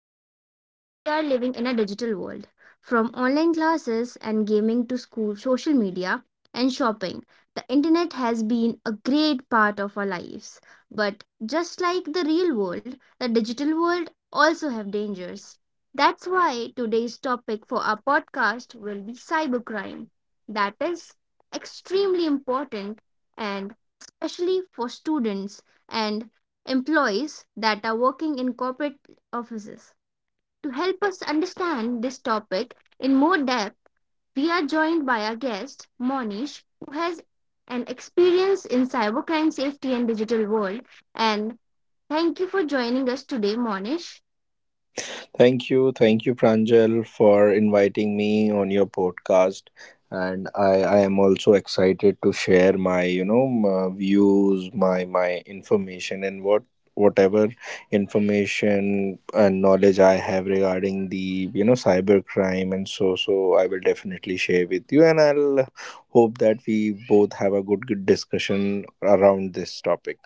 Today, we are living in a digital world. From online classes and gaming to school, social media, and shopping, the internet has been a great part of our lives. But just like the real world, the digital world also have dangers. That's why today's topic for our podcast will be cybercrime. That is extremely important and especially for students and employees that are working in corporate offices. To help us understand this topic in more depth, we are joined by our guest, Monish, who has an experience in cybercrime safety and digital world. And thank you for joining us today, Monish. Thank you. Thank you, Pranjal, for inviting me on your podcast. And I am also excited to share my views, my information, and whatever information and knowledge I have regarding the cyber crime and so so. I will definitely share with you, and I'll hope that we both have a good discussion around this topic.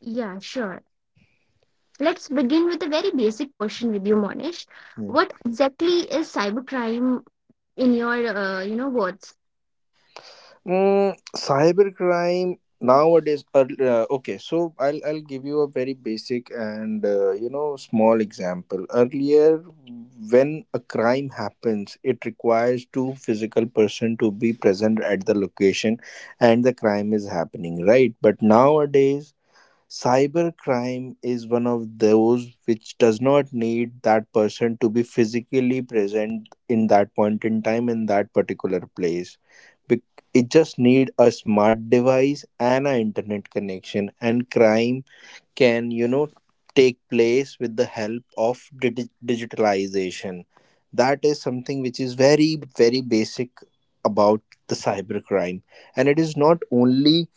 Yeah, sure. Let's begin with a very basic question with you, Monish. What exactly is cybercrime in your, words? Cybercrime nowadays. Okay, so I'll give you a very basic and small example. Earlier, when a crime happens, it requires two physical person to be present at the location, and the crime is happening, right? But nowadays. Cybercrime is one of those which does not need that person to be physically present in that point in time in that particular place. Bec- It just need a smart device and an internet connection, and crime can, you know, take place with the help of digitalization. That is something which is very basic about the cybercrime, and it is not only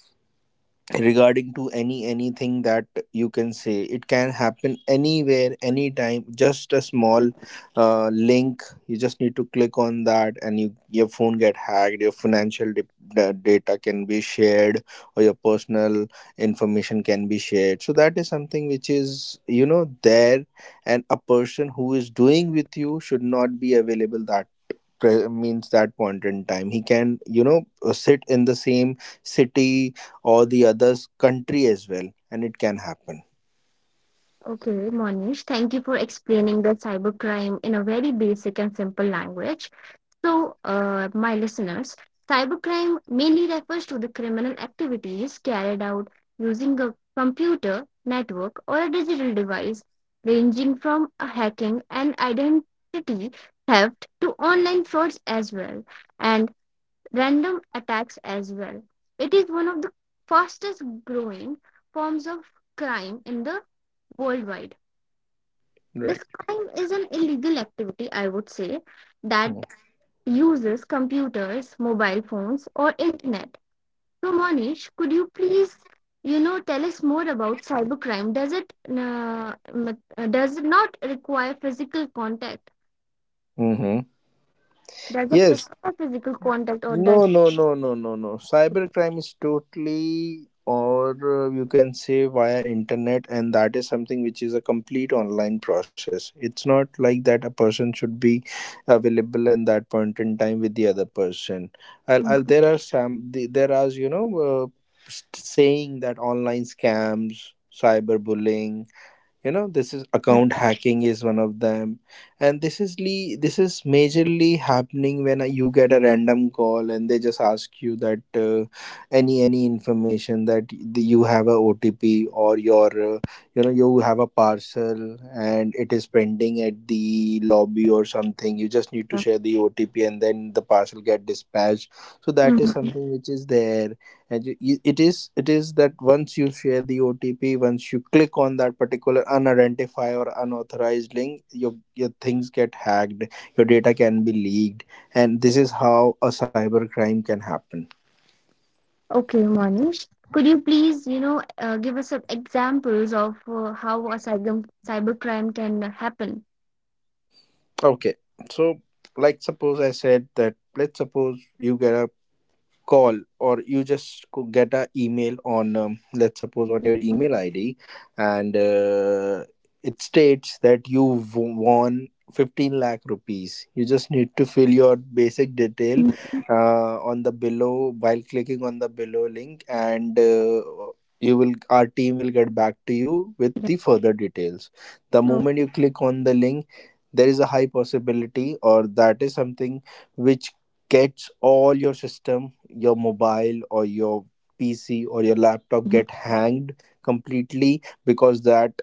regarding to anything, that you can say it can happen anywhere anytime. Just a small link you just need to click on that, and you, your phone get hacked, your financial data can be shared, or your personal information can be shared. So that is something which is, you know, there. And a person who is doing with you should not be available that means that point in time, he can, you know, sit in the same city or the other's country as well, and it can happen. Okay, Monish, thank you for explaining the cybercrime in a very basic and simple language. So, my listeners, cybercrime mainly refers to the criminal activities carried out using a computer, network, or a digital device, ranging from a hacking and identity theft to online frauds as well, and random attacks as well. It is one of the fastest growing forms of crime in the worldwide. This Right. crime is an illegal activity, I would say, that Mm. uses computers, mobile phones, or internet. So, Monish, could you please, tell us more about cybercrime? Does it not require physical contact? Mm. Does it Yes. require physical contact, or No, does? no, no, no, no, no. Cybercrime is totally, or you can say via internet, and that is something which is a complete online process. It's not like that a person should be available in that point in time with the other person. Mm, There are some, there are, saying that online scams, cyberbullying, you know, this is, yes, account hacking is one of them. And this is majorly happening when you get a random call and they just ask you that any information, that you have a OTP, or your, you know, you have a parcel and it is pending at the lobby or something, you just need to sir. share the OTP and then the parcel get dispatched. So that is Mhm. something which is there. And you, it is, it is that once you share the OTP, once you click on that particular unidentified or unauthorized link, your things get hacked, your data can be leaked, and this is how a cyber crime can happen. Okay, Monish, could you please, give us some examples of how a cybercrime can happen? Okay, so like suppose I said that, let's suppose you get a call, or you just get a email on, let's suppose on your email ID, and it states that you won 15 lakh rupees. You just need to fill your basic detail Mm, on the below, while clicking on the below link, and you will our team will get back to you with yeah. the further details. The Oh, moment you click on the link, there is a high possibility, or that is something which gets all your system, your mobile, or your PC, or your laptop mhm. get hanged completely, because that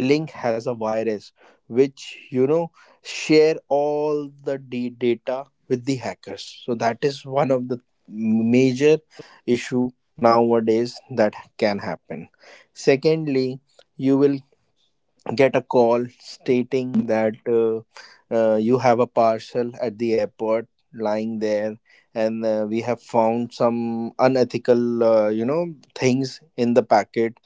link has a virus which, you know, share all the data with the hackers. So that is one of the major issue nowadays that can happen. Secondly, you will get a call stating that you have a parcel at the airport lying there, and we have found some unethical things in the packet,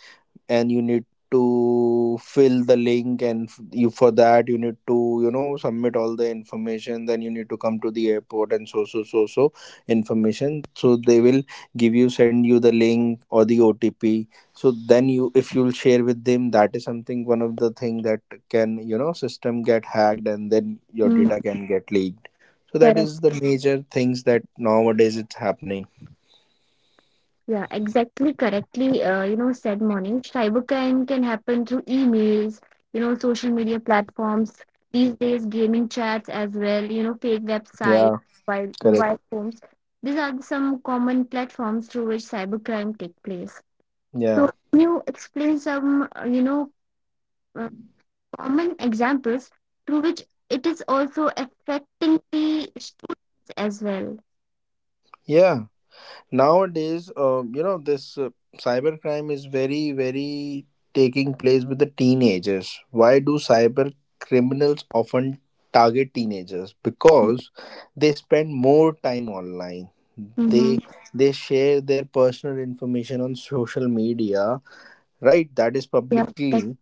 and you need to fill the link, and you, for that you need to, you know, submit all the information. Then you need to come to the airport and so so so so information. So they will give you, send you the link or the OTP. So then you, if you'll share with them, that is something, one of the thing that can, you know, system get hacked and then your Mm. data can get leaked. So that Correct. is the major things that nowadays it's happening. Yeah, exactly correctly, said Monish. Cybercrime can happen through emails, you know, social media platforms, these days gaming chats as well, you know, fake websites, Yeah. Correct. mobile phones. These are some common platforms through which cybercrime take place. Yeah. So can you explain some, uh, common examples through which it is also affecting the students as well? Yeah, nowadays you know, this cybercrime is very taking place with the teenagers. Why do cyber criminals often target teenagers? Because they spend more time online, Mm-hmm. they they share their personal information on social media, right, that is Yeah, like, publicly,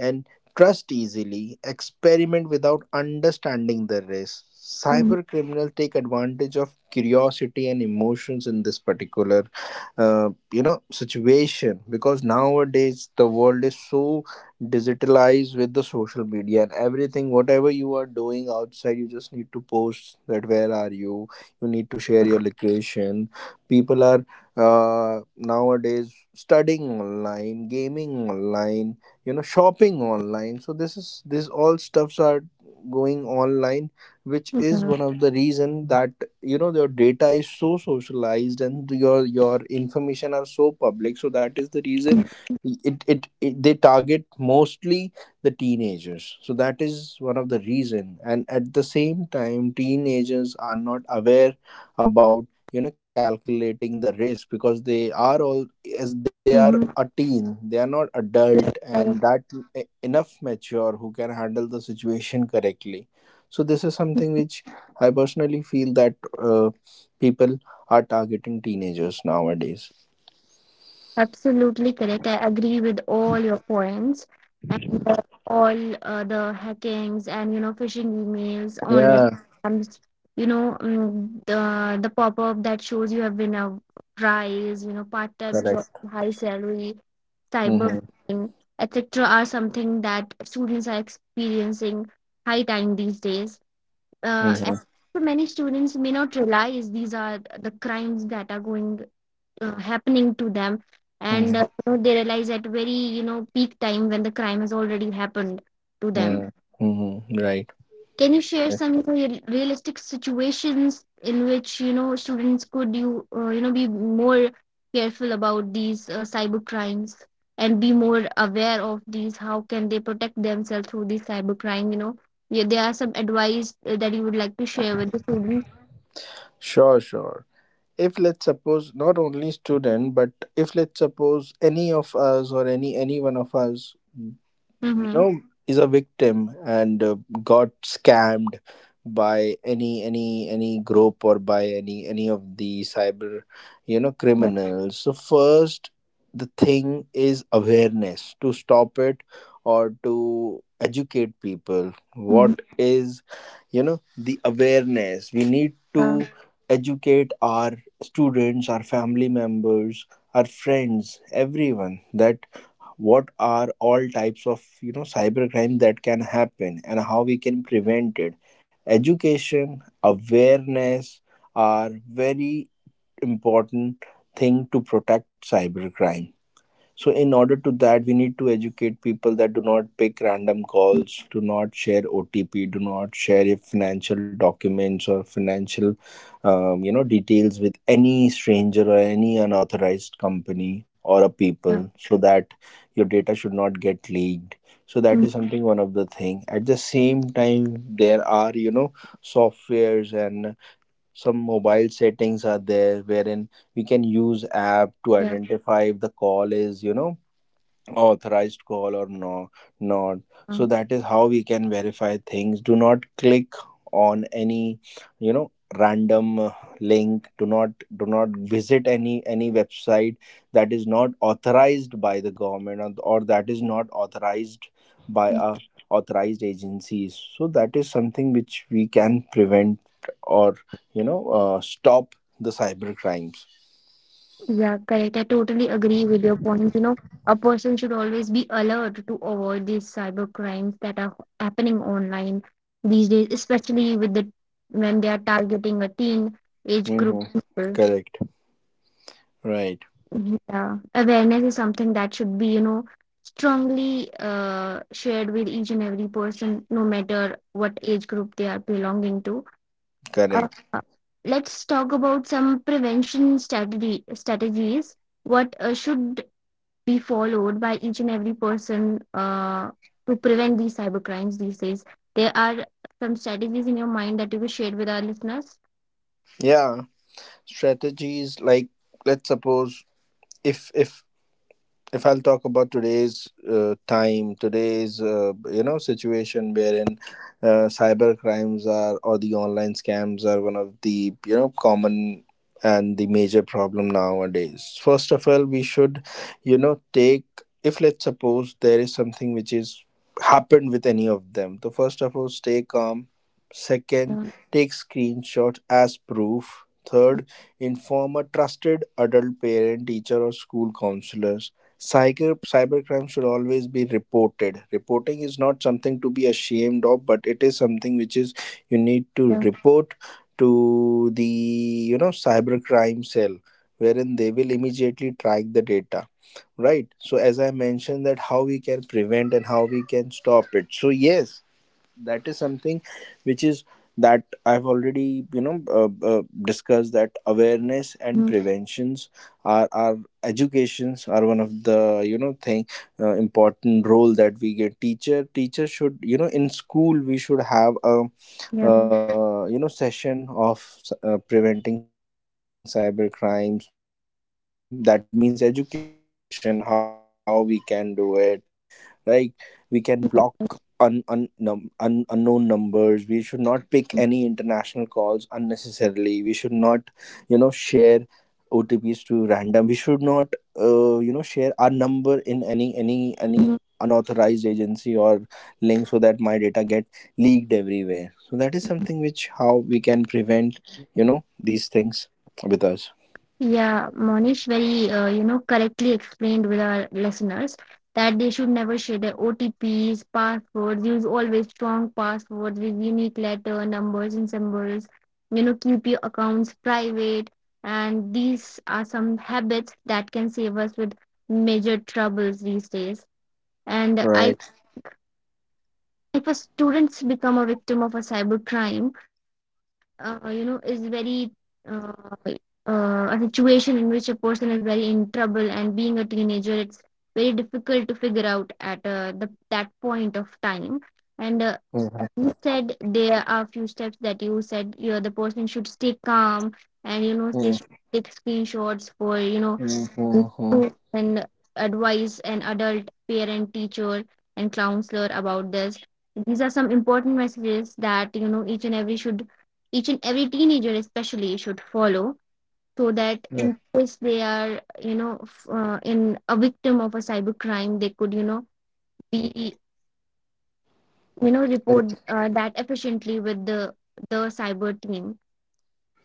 and trust easily, experiment without understanding the risk. mm-hmm. Cyber criminals take advantage of curiosity and emotions in this particular, situation, because nowadays the world is so digitalized with the social media and everything. Whatever you are doing outside, you just need to post that where are you. You need to share your location. People are nowadays studying online, gaming online, you know, shopping online. So this is, this all stuffs are going online, which is one of the reason that, you know, your data is so socialized and your information are so public. So that is the reason Yeah. It they target mostly the teenagers. So that is one of the reason. And at the same time, teenagers are not aware about, you know, calculating the risk, because they are all, as they are a Mm-hmm. teen, they are not adult, and that enough mature who can handle the situation correctly. So this is something which I personally feel that uh, people are targeting teenagers nowadays. Absolutely correct. I agree with all your points and all the hackings and you know phishing emails, online Yeah. scams, the pop up that shows you have been a prize, you know part time job, Correct. high salary, Mm-hmm. cyberbullying, etc. are something that students are experiencing high time these days. And Mm-hmm. for many students may not realize these are the crimes that are going happening to them and they realize at very you know peak time when the crime has already happened to Mm-hmm. them. Mm-hmm. Right. Can you share Right. some, you know, realistic situations in which you know students could you you know be more careful about these cyber crimes and be more aware of these? How can they protect themselves through this cyber crime? You know, yeah, there are some advice that you would like to share with the students. Sure, sure. If let's suppose not only student, but if let's suppose any of us, or any one of us, you Mm-hmm. know, is a victim, and got scammed by any group, or by any of the cyber, you know, Yeah. criminals. So first the thing is awareness, to stop it or to educate people. Mm-hmm. What is, you know, the awareness, we need to Yeah. educate our students, our family members, our friends, everyone, that what are all types of, you know, cybercrime that can happen and how we can prevent it. Education, awareness are very important thing to protect cybercrime. So in order to that, we need to educate people that do not pick random calls, do not share OTP, do not share your financial documents or financial details with any stranger or any unauthorized company or a Yeah, people, so that your data should not get leaked. So that yeah, is something, one of the thing. At the same time, there are, you know, softwares and some mobile settings are there, wherein we can use app to yeah. identify if the call is, you know, authorized call or not. So Um. that is how we can verify things. Do not click on any, you know, random link. Do not do not visit any website that is not authorized by the government, or that is not authorized by a authorized agencies. So that is something which we can prevent or, you know, stop the cyber crimes. Yeah, correct. I totally agree with your points. You know, a person should always be alert to avoid these cyber crimes that are happening online these days, especially with the when they are targeting a teen age Hmm. group people. Correct. Right. Yeah, awareness is something that should be, you know, strongly shared with each and every person, no matter what age group they are belonging to. Uh, Correct. let's talk about some prevention strategy strategies. What should be followed by each and every person to prevent these cyber crimes these days? There are some strategies in your mind that you will share with our listeners. Yeah, strategies like, let's suppose, if if if I'll talk about today's time, today's, situation, wherein cyber crimes are, or the online scams are one of the, you know, common and the major problem nowadays. First of all, we should, you know, take, if let's suppose there is something which is happened with any of them. So first of all, stay calm. Second, Yeah. take screenshot as proof. Third, inform a trusted adult, parent, teacher, or school counselor. Cybercrime should always be reported. Reporting is not something to be ashamed of, but it is something which is, you need to Yeah. report to the, you know, cybercrime cell, wherein they will immediately track the data. Right. So as I mentioned that how we can prevent and how we can stop it. So yes, that is something which is that I've already, you know, discussed, that awareness and Mhm. preventions are our educations are one of the, you know, thing important role, that we get teacher should, you know, in school we should have a session of preventing cyber crimes, that means education how we can do it. Like we can block unknown numbers, we should not pick any international calls unnecessarily, we should not, you know, share OTPs to random, we should not share our number in any any unauthorized agency or Yeah. link, so that my data get leaked everywhere. So that is something which, how we can prevent, you know, these things with us. Yeah, Monish, very correctly explained with our listeners that they should never share their OTPs, passwords, use always strong passwords with unique letter, numbers and symbols. You know, keep your accounts private and these are some habits that can save us with major troubles these days. Right. And I, if a students become a victim of a cyber crime, that is very uh, a situation in which a person is very in trouble, and being a teenager, it's very difficult to figure out at that point of time. And Mhm. you said there are few steps that you said, you know, the person should stay calm, and you know they should take screenshots for you know Mhm. Mhm. to and advise an adult parent teacher and counselor about this. These are some important messages that you know each and every teenager especially should follow so that Yeah. in case they are you know in a victim of a cybercrime they could, you know, be, you know, report that efficiently with the cyber team.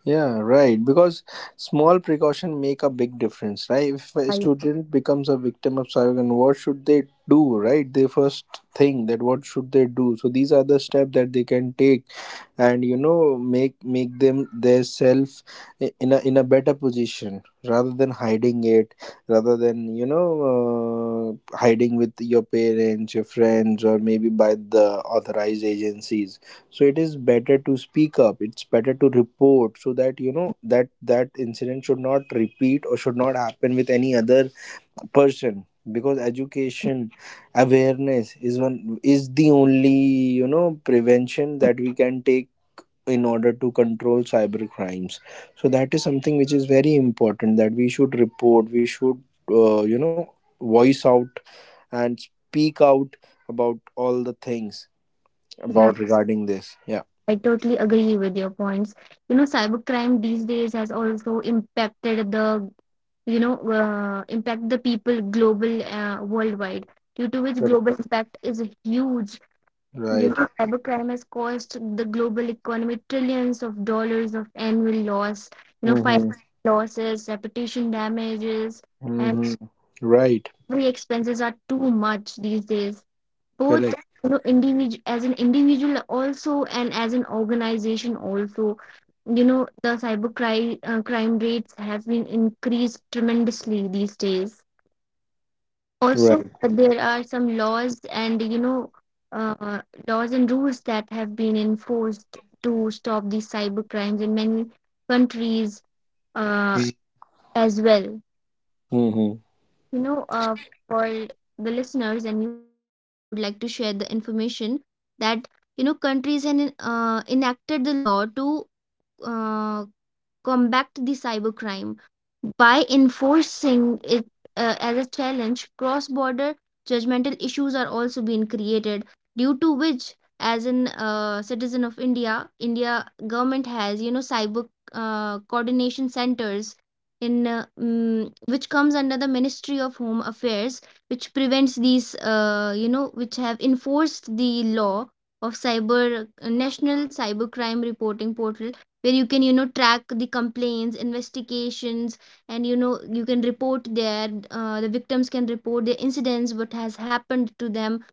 Yeah, right. Because small precaution make a big difference, right? If a I, student becomes a victim of cybercrime, what should they do, right? They first think that what should they do. So these are the steps that they can take and make them their self in a better position, rather than hiding it, rather than hiding with your parents, your friends, or maybe by the authorized agencies. So it is better to speak up, it's better to report, so that you know that incident should not repeat or should not happen with any other person, because education awareness is the only prevention that we can take in order to control cyber crimes. So that is something which is very important, that we should report, we should uh, you know voice out and speak out about all the things, yeah, about regarding this. Yeah, I totally agree with your points. You know, cybercrime these days has also impact the people global worldwide, due to which global correct. impact is huge. You Right. know, cybercrime has cost the global economy trillions of dollars of annual loss, you know, financial Mm-hmm. losses, reputation damages, and Mm-hmm. Right. every expenses are too much these days. Both, Correct. you know, individual as an individual also and as an organization also, you know the crime rates have been increased tremendously these days. Also Right. There are some uh, laws and rules that have been enforced to stop these cyber crimes in many countries uh, as well. Mm-hmm. You know, for the listeners and you as well, I would like to share the information that you know countries have enacted the law to uh, combat the cybercrime by enforcing it as a challenge. Cross border judgmental issues are also being created, due to which, as an citizen of India, India government has you know cyber coordination centers in which comes under the Ministry of Home Affairs, which prevents these, which have enforced the law of cyber national cybercrime reporting portal where you can you know track the complaints investigations and you know you can report there, the victims can report their incidents what has happened to them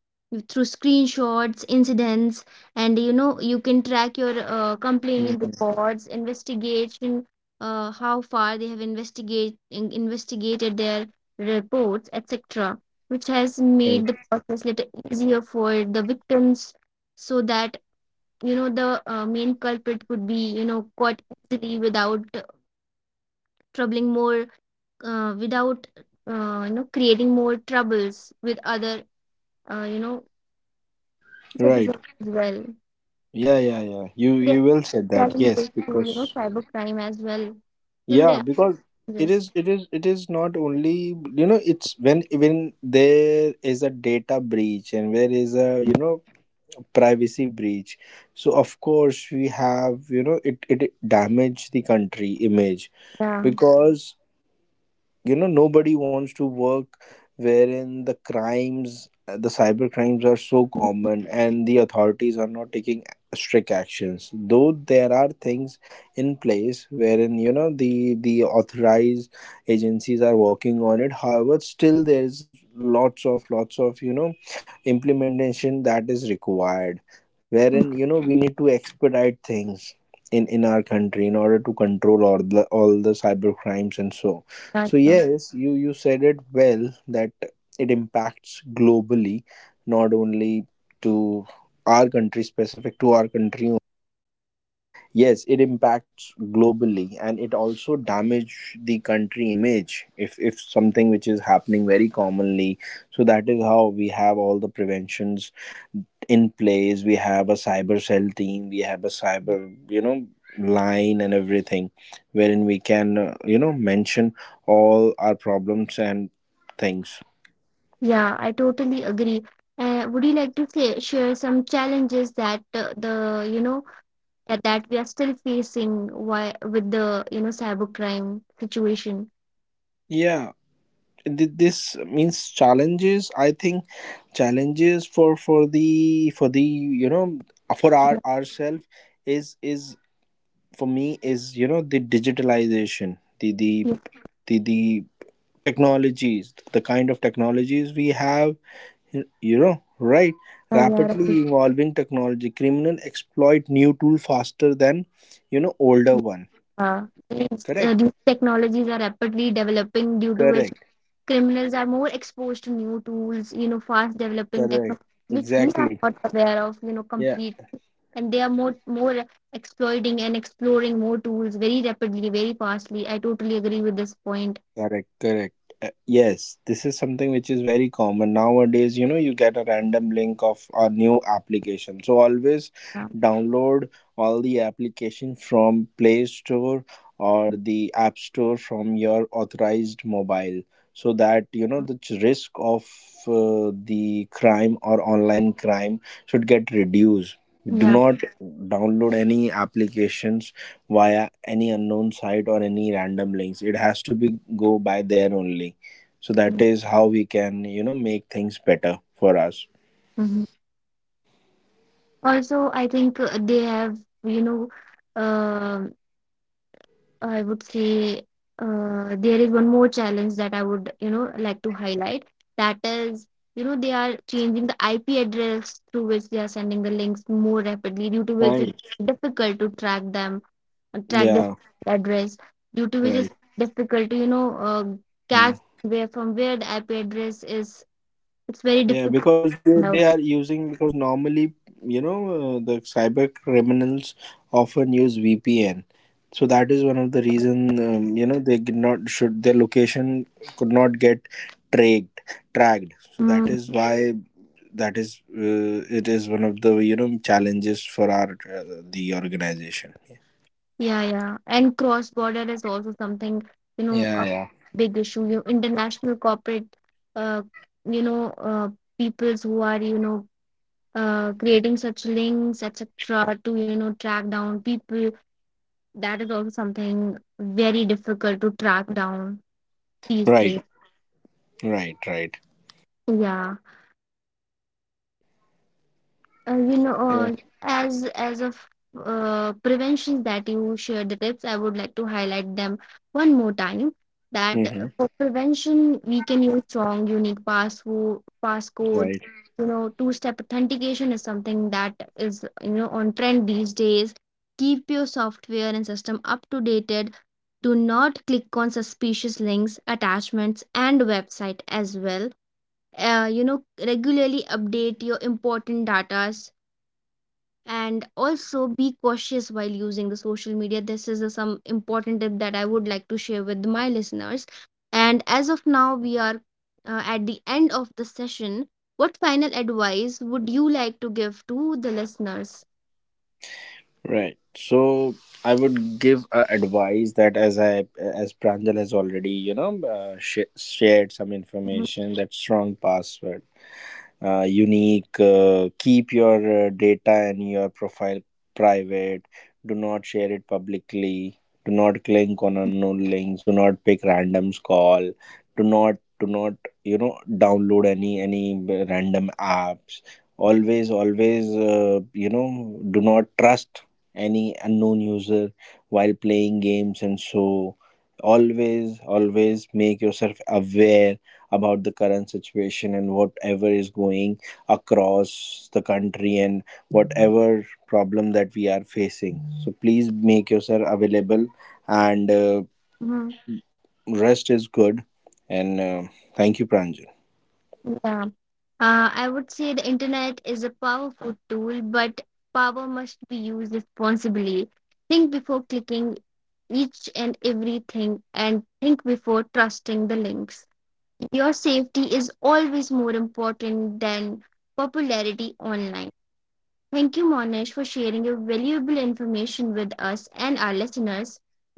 through screenshots incidents and you know you can track your complaint Mm-hmm. records investigation, how far they have investigated their reports, etc., which has made Right. the process little easier for the victims so that you know the main culprit could be you know caught easily without troubling more, without you know creating more troubles with other uh, you know Right. citizens as well. Yeah, yeah, yeah, you They you are will say that, yes, challenges to you know because cybercrime as well. Still there yeah, are because it challenges. is it is it is not only, it's when there is a data breach and there is a, privacy breach, so of course we have, it, it damage the country image, Yeah. because nobody wants to work wherein the crimes, the cyber crimes are so common and the authorities are not taking strict actions, though there are things in place wherein the authorized agencies are working on it. However, still there's lots of implementation that is required, wherein we need to expedite things in our country in order to control all the cyber crimes and so. So Exactly. yes, you said it well, that it impacts globally, not only to our country, specific to our country. Yes, it impacts globally, and it also damage the country image, if something which is happening very commonly. So that is how we have all the preventions in place. We have a cyber cell team, we have a cyber, you know line and everything, wherein we can mention all our problems and things. Yeah, I totally agree. Would you like to say, share some challenges that the you know that, that we are still facing why, with the you know cybercrime situation? Yeah. This means challenges, I think. Challenges for the for the for our ourself is for me is, the digitalization, the Yeah, the the, the technologies, the kind of technologies we have, right, yeah, right. rapidly evolving technology, criminal exploit new tool faster than, older one. Yeah. Correct, These technologies are rapidly developing, due to which correct, criminals are more exposed to new tools, you know, fast developing correct. technologies, which we are Exactly. not aware of, you know, Yeah. completely. And they are more exploiting and exploring more tools very rapidly, very fastly. I totally agree with this point. Correct, correct. Yes, this is something which is very common nowadays. You know, you get a random link of a new application. So always Yeah. download all the application from Play Store or the App Store from your authorized mobile, so that you know the risk of the crime or online crime should get reduced. Do Yeah. not download any applications via any unknown site or any random links, it has to be go by there only. So that is how we can, make things better for us. Mhm. Also, I think they have, you know, um, I would say there is one more challenge that I would, you know, like to highlight. That is, you know, they are changing the IP address through which they are sending the links more rapidly, due to which it's Right. difficult to track them, track the Yeah. address, due to which Right. it's difficult to, Hmm. catch where the IP address is. It's Yeah, very because difficult they are now. using, because normally, the cyber criminals often use VPN, so that is one of the reason, you know, they did not should their location, could not get tracked tracked. So that Hmm. is why, that is, it is one of the, challenges for our, the organization. Yeah, yeah. And cross border is also something, you know, Yeah, a yeah. big issue. You international corporate, uh, you know, uh, peoples who are, you know, creating such links, etc., to, you know, track down people. That is also something very difficult to track down these Right, days. right, right. Yeah. uh, you know Yeah. uh, as of preventions that you shared the tips, I would like to highlight them one more time that Hmm. for prevention we can use strong unique password Right. passcodes, you know, two step authentication is something that is you know on trend these days, keep your software and system up to date, do not click on suspicious links attachments and website as well, uh, you know regularly update your important data and also be cautious while using the social media. This is a, some important tip that I would like to share with my listeners. And as of now we are at the end of the session, what final advice would you like to give to the listeners? Right. So I would give advice that, as I, as Pranjal has already, shared some Mhm, information, that strong password, unique, keep your data and your profile private, do not share it publicly, do not click on unknown links, do not pick randoms call, do not download any random apps, always do not trust any unknown user while playing games and so. Always make yourself aware about the current situation and whatever is going across the country, and whatever problem that we are facing. So please make yourself available, and mhm. rest is good. And thank you, Pranjan. Yeah, I would say the internet is a powerful tool but power must be used responsibly. Think before clicking each and everything and think before trusting the links. Your safety is always more important than popularity online. Thank you, Monish, for sharing your valuable information with us and our listeners.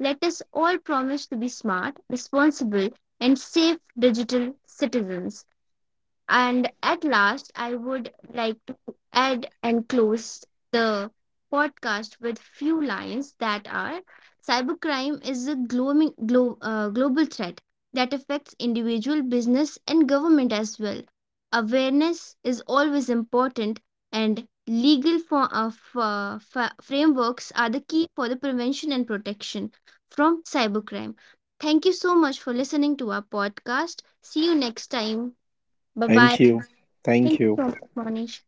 Let us all promise to be smart, responsible, and safe digital citizens. And at last, I would like to add and close the podcast with few lines that are cybercrime is a global threat that affects individual business and government as well. Awareness is always important and legal for, fa- fa- frameworks are the key for the prevention and protection from cybercrime. Thank you so much for listening to our podcast. See you next time. Bye Thank bye. you. Thank Thank you you. so much, Monish.